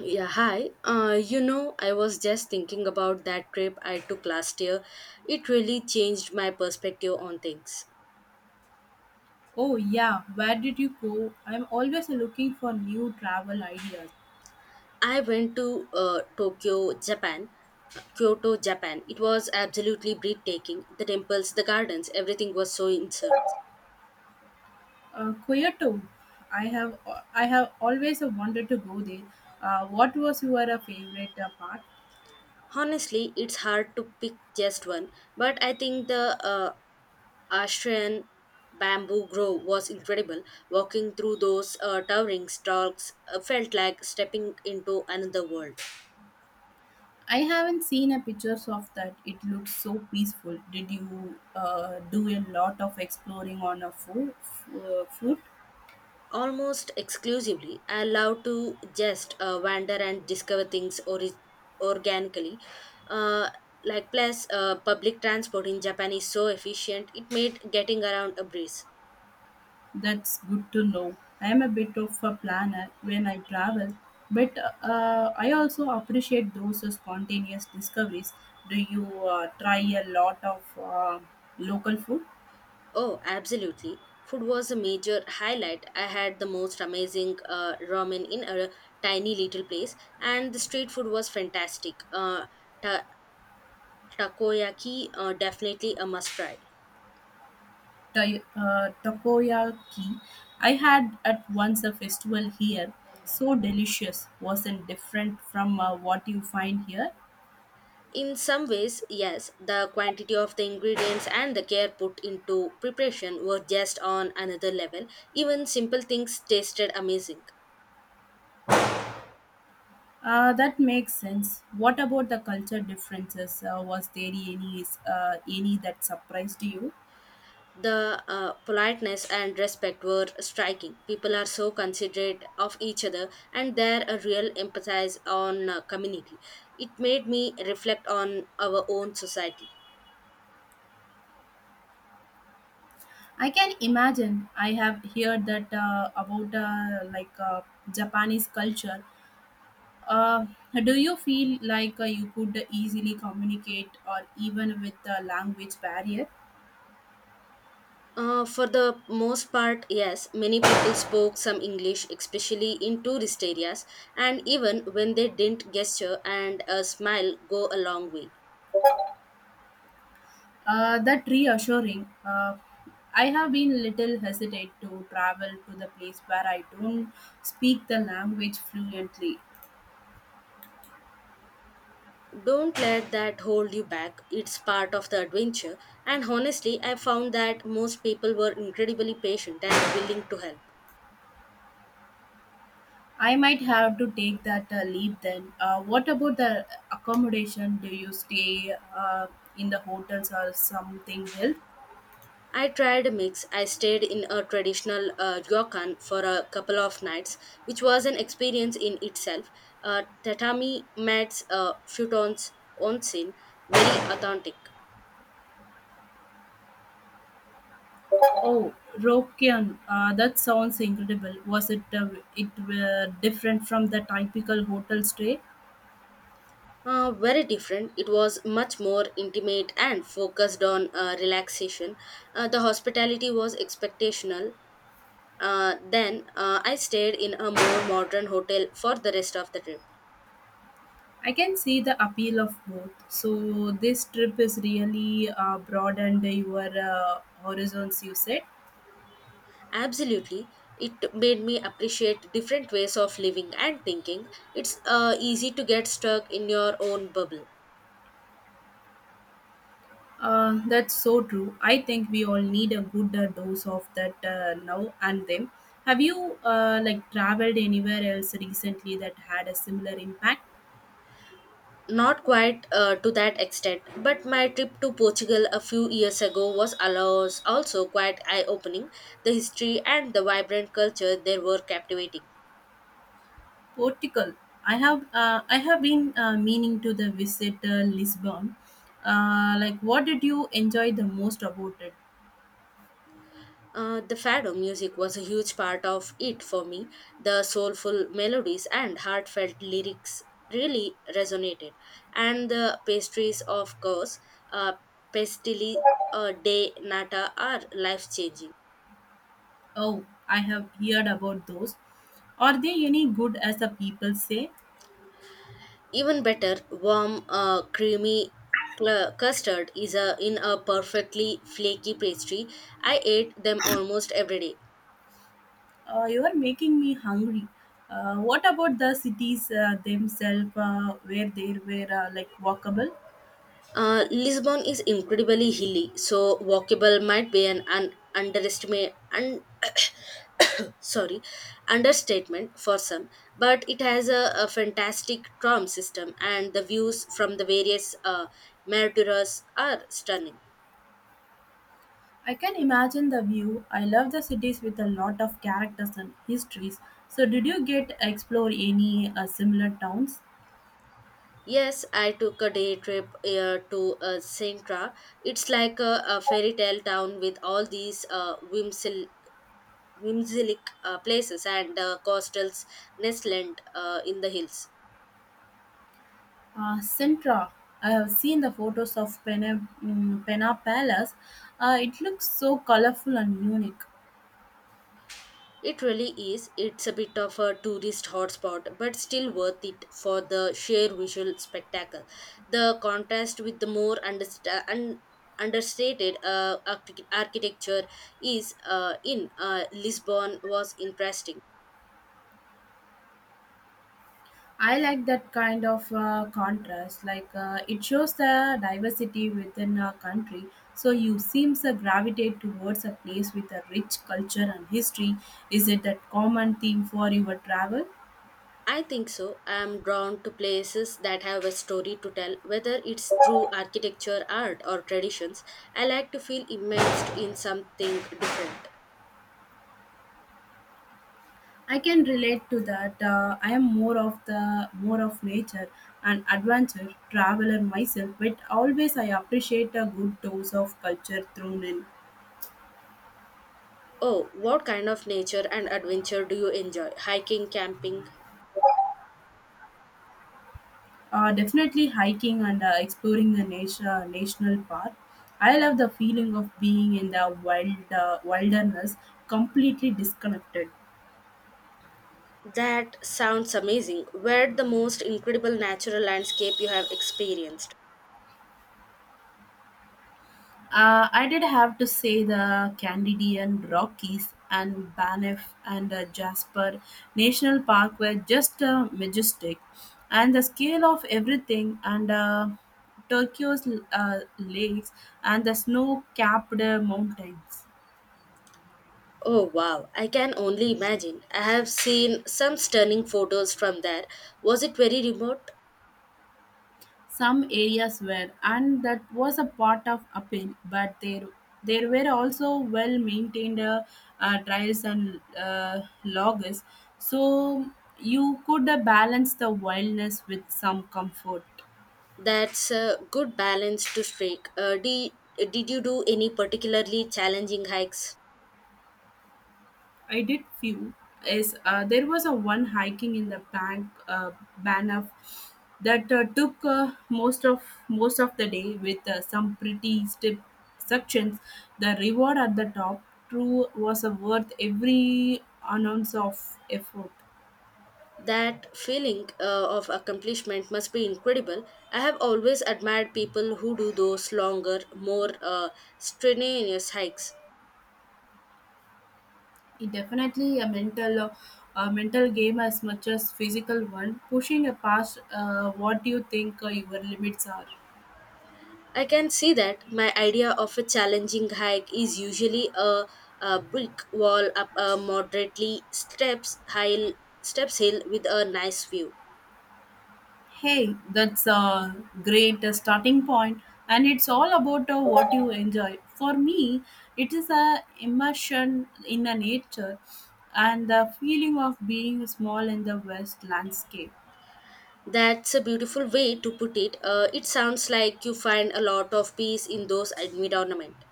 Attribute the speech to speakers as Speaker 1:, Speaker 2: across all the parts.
Speaker 1: Yeah, hi. I was just thinking about that trip I took last year. It really changed my perspective on things.
Speaker 2: Oh, yeah, where did you go? I'm always looking for new travel ideas.
Speaker 1: I went to Tokyo, Japan, Kyoto, Japan. It was absolutely breathtaking. The temples, the gardens, everything was so insert.
Speaker 2: Kyoto, I have I have always wanted to go there. What was your favorite part?
Speaker 1: Honestly, it's hard to pick just one, but I think the Austrian bamboo grove was incredible. Walking through those towering stalks felt like stepping into another world.
Speaker 2: I haven't seen a pictures of that. It looks so peaceful. Did you do a lot of exploring on a foot?
Speaker 1: Almost exclusively, I love to just wander and discover things organically. Uh, Public transport in Japan is so efficient, it made getting around a breeze.
Speaker 2: That's good to know. I am a bit of a planner when I travel, but I also appreciate those spontaneous discoveries. Do you try a lot of local food?
Speaker 1: Oh, absolutely. Food was a major highlight. I had the most amazing ramen in a tiny little place, and the street food was fantastic. Ta- Takoyaki, definitely a must try.
Speaker 2: Takoyaki. I had at once a festival here, so delicious. Wasn't different from what you find here.
Speaker 1: In some ways, yes, the quantity of the ingredients and the care put into preparation were just on another level. Even simple things tasted amazing.
Speaker 2: That makes sense. What about the culture differences? Was there any that surprised you?
Speaker 1: The politeness and respect were striking. People are so considerate of each other, and there a real emphasis on community. It made me reflect on our own society.
Speaker 2: I can imagine. I have heard that about like Japanese culture. Uh, do you feel like you could easily communicate or even with a language barrier?
Speaker 1: For the most part, yes, many people spoke some English, especially in tourist areas, and even when they didn't, gesture and a smile go a long way.
Speaker 2: That reassuring. I have been little hesitant to travel to the place where I don't speak the language fluently.
Speaker 1: Don't let that hold you back, it's part of the adventure, and honestly, I found that most people were incredibly patient and willing to help.
Speaker 2: I might have to take that leave then. What about the accommodation? Do you stay in the hotels or something else?
Speaker 1: I tried a mix. I stayed in a traditional ryokan for a couple of nights, which was an experience in itself. Tatami mats, futons, onsen, very authentic.
Speaker 2: Oh, Rokian, that sounds incredible. Was it different from the typical hotel stay?
Speaker 1: Very different. It was much more intimate and focused on relaxation. The hospitality was expectational. Then I stayed in a more modern hotel for the rest of the trip.
Speaker 2: I can see the appeal of both. So this trip is really broadened your horizons. You said.
Speaker 1: Absolutely. It made me appreciate different ways of living and thinking. It's easy to get stuck in your own bubble.
Speaker 2: That's so true. I think we all need a good dose of that now and then. Have you like traveled anywhere else recently that had a similar impact?
Speaker 1: Not quite to that extent, but my trip to Portugal a few years ago was allows also quite eye opening. The history and the vibrant culture there were captivating.
Speaker 2: Portugal. I have been meaning to the visit Lisbon. Like, what did you enjoy the most about it?
Speaker 1: The fado music was a huge part of it for me. The soulful melodies and heartfelt lyrics really resonated. And the pastries, of course, uh, pastili de nata are life changing.
Speaker 2: Oh, I have heard about those. Are they any good as the people say?
Speaker 1: Even better, warm, creamy custard is a, in a perfectly flaky pastry. I ate them almost every day.
Speaker 2: You are making me hungry. What about the cities themselves, where they were like walkable?
Speaker 1: Lisbon is incredibly hilly, so walkable might be an underestimate sorry understatement for some, but it has a fantastic tram system and the views from the various meritorious are stunning.
Speaker 2: I can imagine the view. I love the cities with a lot of characters and histories. So, did you get explore any similar towns?
Speaker 1: Yes, I took a day trip to Sintra. It's like a fairy tale town with all these whimsilic places and costals nestled in the hills.
Speaker 2: Sintra. I have seen the photos of Pena, Pena Palace. It looks so colorful and unique.
Speaker 1: It really is. It's a bit of a tourist hotspot, but still worth it for the sheer visual spectacle. The contrast with the more understated architecture is in Lisbon was interesting.
Speaker 2: I like that kind of contrast. Like it shows the diversity within a country. So you seems to gravitate towards a place with a rich culture and history. Is it that common theme for your travel?
Speaker 1: I think so. I am drawn to places that have a story to tell, whether it's through architecture, art, or traditions. I like to feel immersed in something different.
Speaker 2: I can relate to that. I am more of nature and adventure traveler myself, but always I appreciate a good dose of culture thrown in.
Speaker 1: Oh, what kind of nature and adventure do you enjoy? Hiking, camping?
Speaker 2: Definitely hiking and exploring the nature, national park. I love the feeling of being in the wilderness, completely disconnected.
Speaker 1: That sounds amazing. Where the most incredible natural landscape you have experienced?
Speaker 2: I did have to say the Candidian Rockies and Banff and Jasper National Park were just majestic, and the scale of everything and Tokyo's lakes and the snow-capped mountains.
Speaker 1: Oh wow, I can only imagine. I have seen some stunning photos from there. Was it very remote?
Speaker 2: Some areas were, and that was a part of appeal, but there were also well maintained trails and logs, so you could balance the wildness with some comfort.
Speaker 1: That's a good balance to strike. Did you do any particularly challenging hikes?
Speaker 2: I did few is there was a one hiking in the bank Banff that took most of the day with some pretty steep sections. The reward at the top true was worth every ounce of effort.
Speaker 1: That feeling of accomplishment must be incredible. I have always admired people who do those longer, more strenuous hikes.
Speaker 2: It definitely a mental game as much as physical one, pushing past what you think your limits are.
Speaker 1: I can see that my idea of a challenging hike is usually a brick wall up a moderately steps hill with a nice view.
Speaker 2: Hey, that's a great starting point, and it's all about what you enjoy. For me, it is a immersion in the nature and the feeling of being small in the west landscape.
Speaker 1: That's a beautiful way to put it. It sounds like you find a lot of peace in those environment.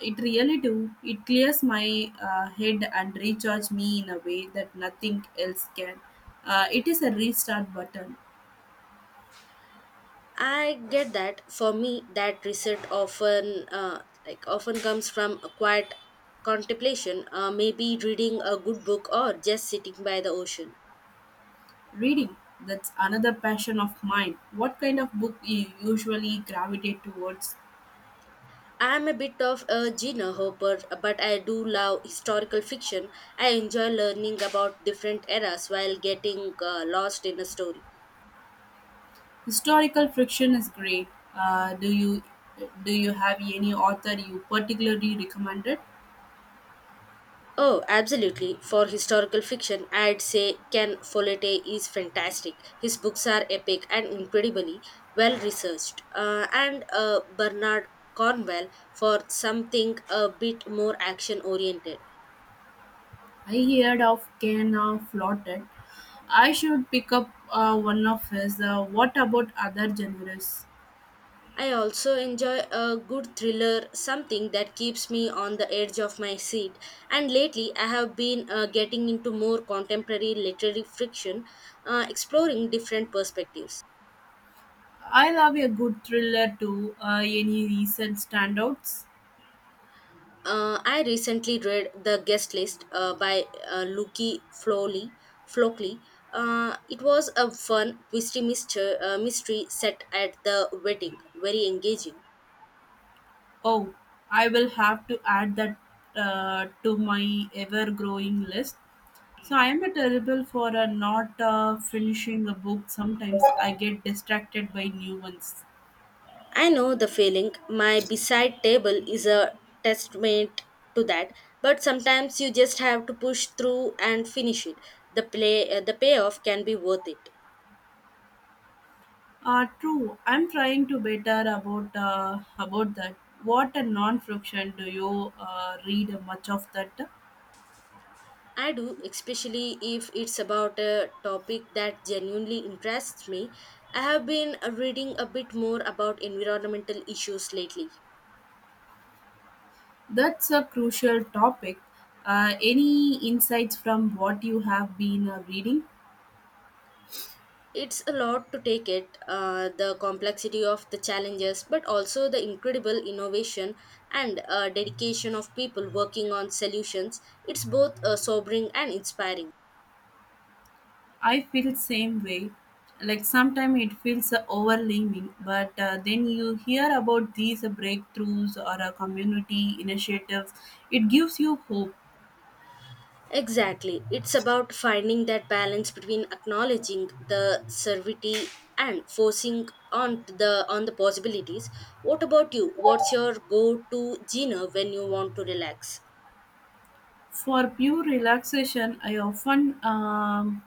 Speaker 2: It really do. It clears my head and recharge me in a way that nothing else can. It is a restart button.
Speaker 1: I get that. For me, that reset often comes from a quiet contemplation, maybe reading a good book or just sitting by the ocean.
Speaker 2: Reading, that's another passion of mine. What kind of book you usually gravitate towards?
Speaker 1: I am a bit of a Gina Hopper, but I do love historical fiction. I enjoy learning about different eras while getting lost in a story.
Speaker 2: Historical friction is great. Uh, do you do you have any author you particularly recommended?
Speaker 1: Oh, absolutely. For historical fiction, I'd say Ken Follett is fantastic. His books are epic and incredibly well researched. And Bernard Cornwell for something a bit more action oriented.
Speaker 2: I heard of Kena Flotted. I should pick up one of his. What about other genres?
Speaker 1: I also enjoy a good thriller, something that keeps me on the edge of my seat. And lately, I have been getting into more contemporary literary fiction, exploring different perspectives.
Speaker 2: I love a good thriller too. Any recent standouts?
Speaker 1: I recently read The Guest List by Luki Flowley. Flockley. It was a fun, twisty mystery, mystery set at the wedding. Very engaging.
Speaker 2: Oh, I will have to add that to my ever growing list. So I am a terrible for not finishing a book. Sometimes I get distracted by new ones.
Speaker 1: I know the feeling. My beside table is a testament to that. But sometimes you just have to push through and finish it. The payoff can be worth it.
Speaker 2: True. I'm trying to better about that. What a non-fiction do you read much of that?
Speaker 1: I do, especially if it's about a topic that genuinely interests me. I have been reading a bit more about environmental issues lately.
Speaker 2: That's a crucial topic. Any insights from what you have been reading?
Speaker 1: It's a lot to take it, the complexity of the challenges, but also the incredible innovation and dedication of people working on solutions. It's both sobering and inspiring.
Speaker 2: I feel same way. Like sometimes it feels overwhelming, but then you hear about these breakthroughs or community initiatives. It gives you hope.
Speaker 1: Exactly. It's about finding that balance between acknowledging the servity and forcing on the possibilities. What about you? What's your go-to dinner when you want to relax?
Speaker 2: For pure relaxation, I often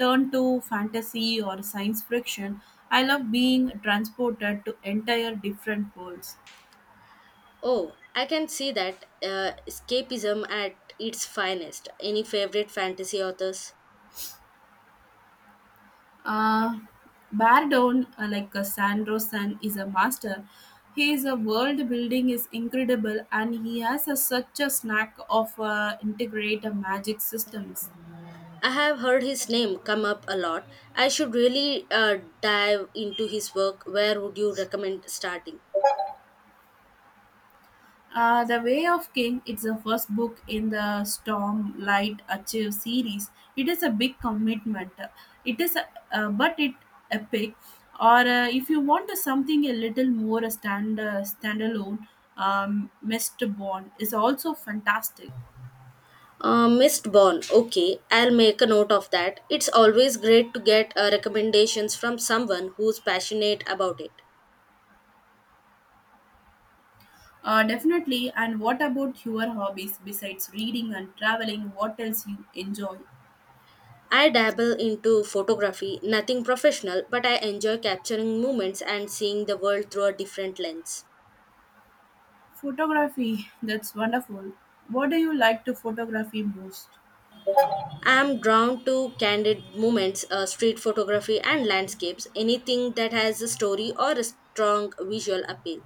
Speaker 2: turn to fantasy or science fiction. I love being transported to entire different worlds.
Speaker 1: Oh, I can see that escapism at its finest. Any favorite fantasy authors?
Speaker 2: Uh, Bardown, like Sandro San, is a master. His world building is incredible, and he has a, such a knack of integrate magic systems.
Speaker 1: I have heard his name come up a lot. I should really dive into his work. Where would you recommend starting?
Speaker 2: The Way of King, it's the first book in the Stormlight Achieve series. It is a big commitment. It is, a, but it epic. Or if you want something a little more standalone, Mistborn is also fantastic.
Speaker 1: Missed born. Okay, I'll make a note of that. It's always great to get recommendations from someone who's passionate about it.
Speaker 2: Definitely. And what about your hobbies besides reading and traveling? What else you enjoy?
Speaker 1: I dabble into photography, nothing professional, but I enjoy capturing moments and seeing the world through a different lens.
Speaker 2: Photography, that's wonderful. What do you like to photography most?
Speaker 1: I'm drawn to candid moments, street photography, and landscapes, anything that has a story or a strong visual appeal.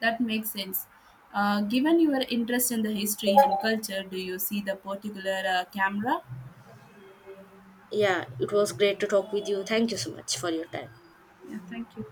Speaker 2: That makes sense. Given your interest in the history and culture, do you see the particular camera?
Speaker 1: Yeah, it was great to talk with you. Thank you so much for your time.
Speaker 2: Yeah, thank you.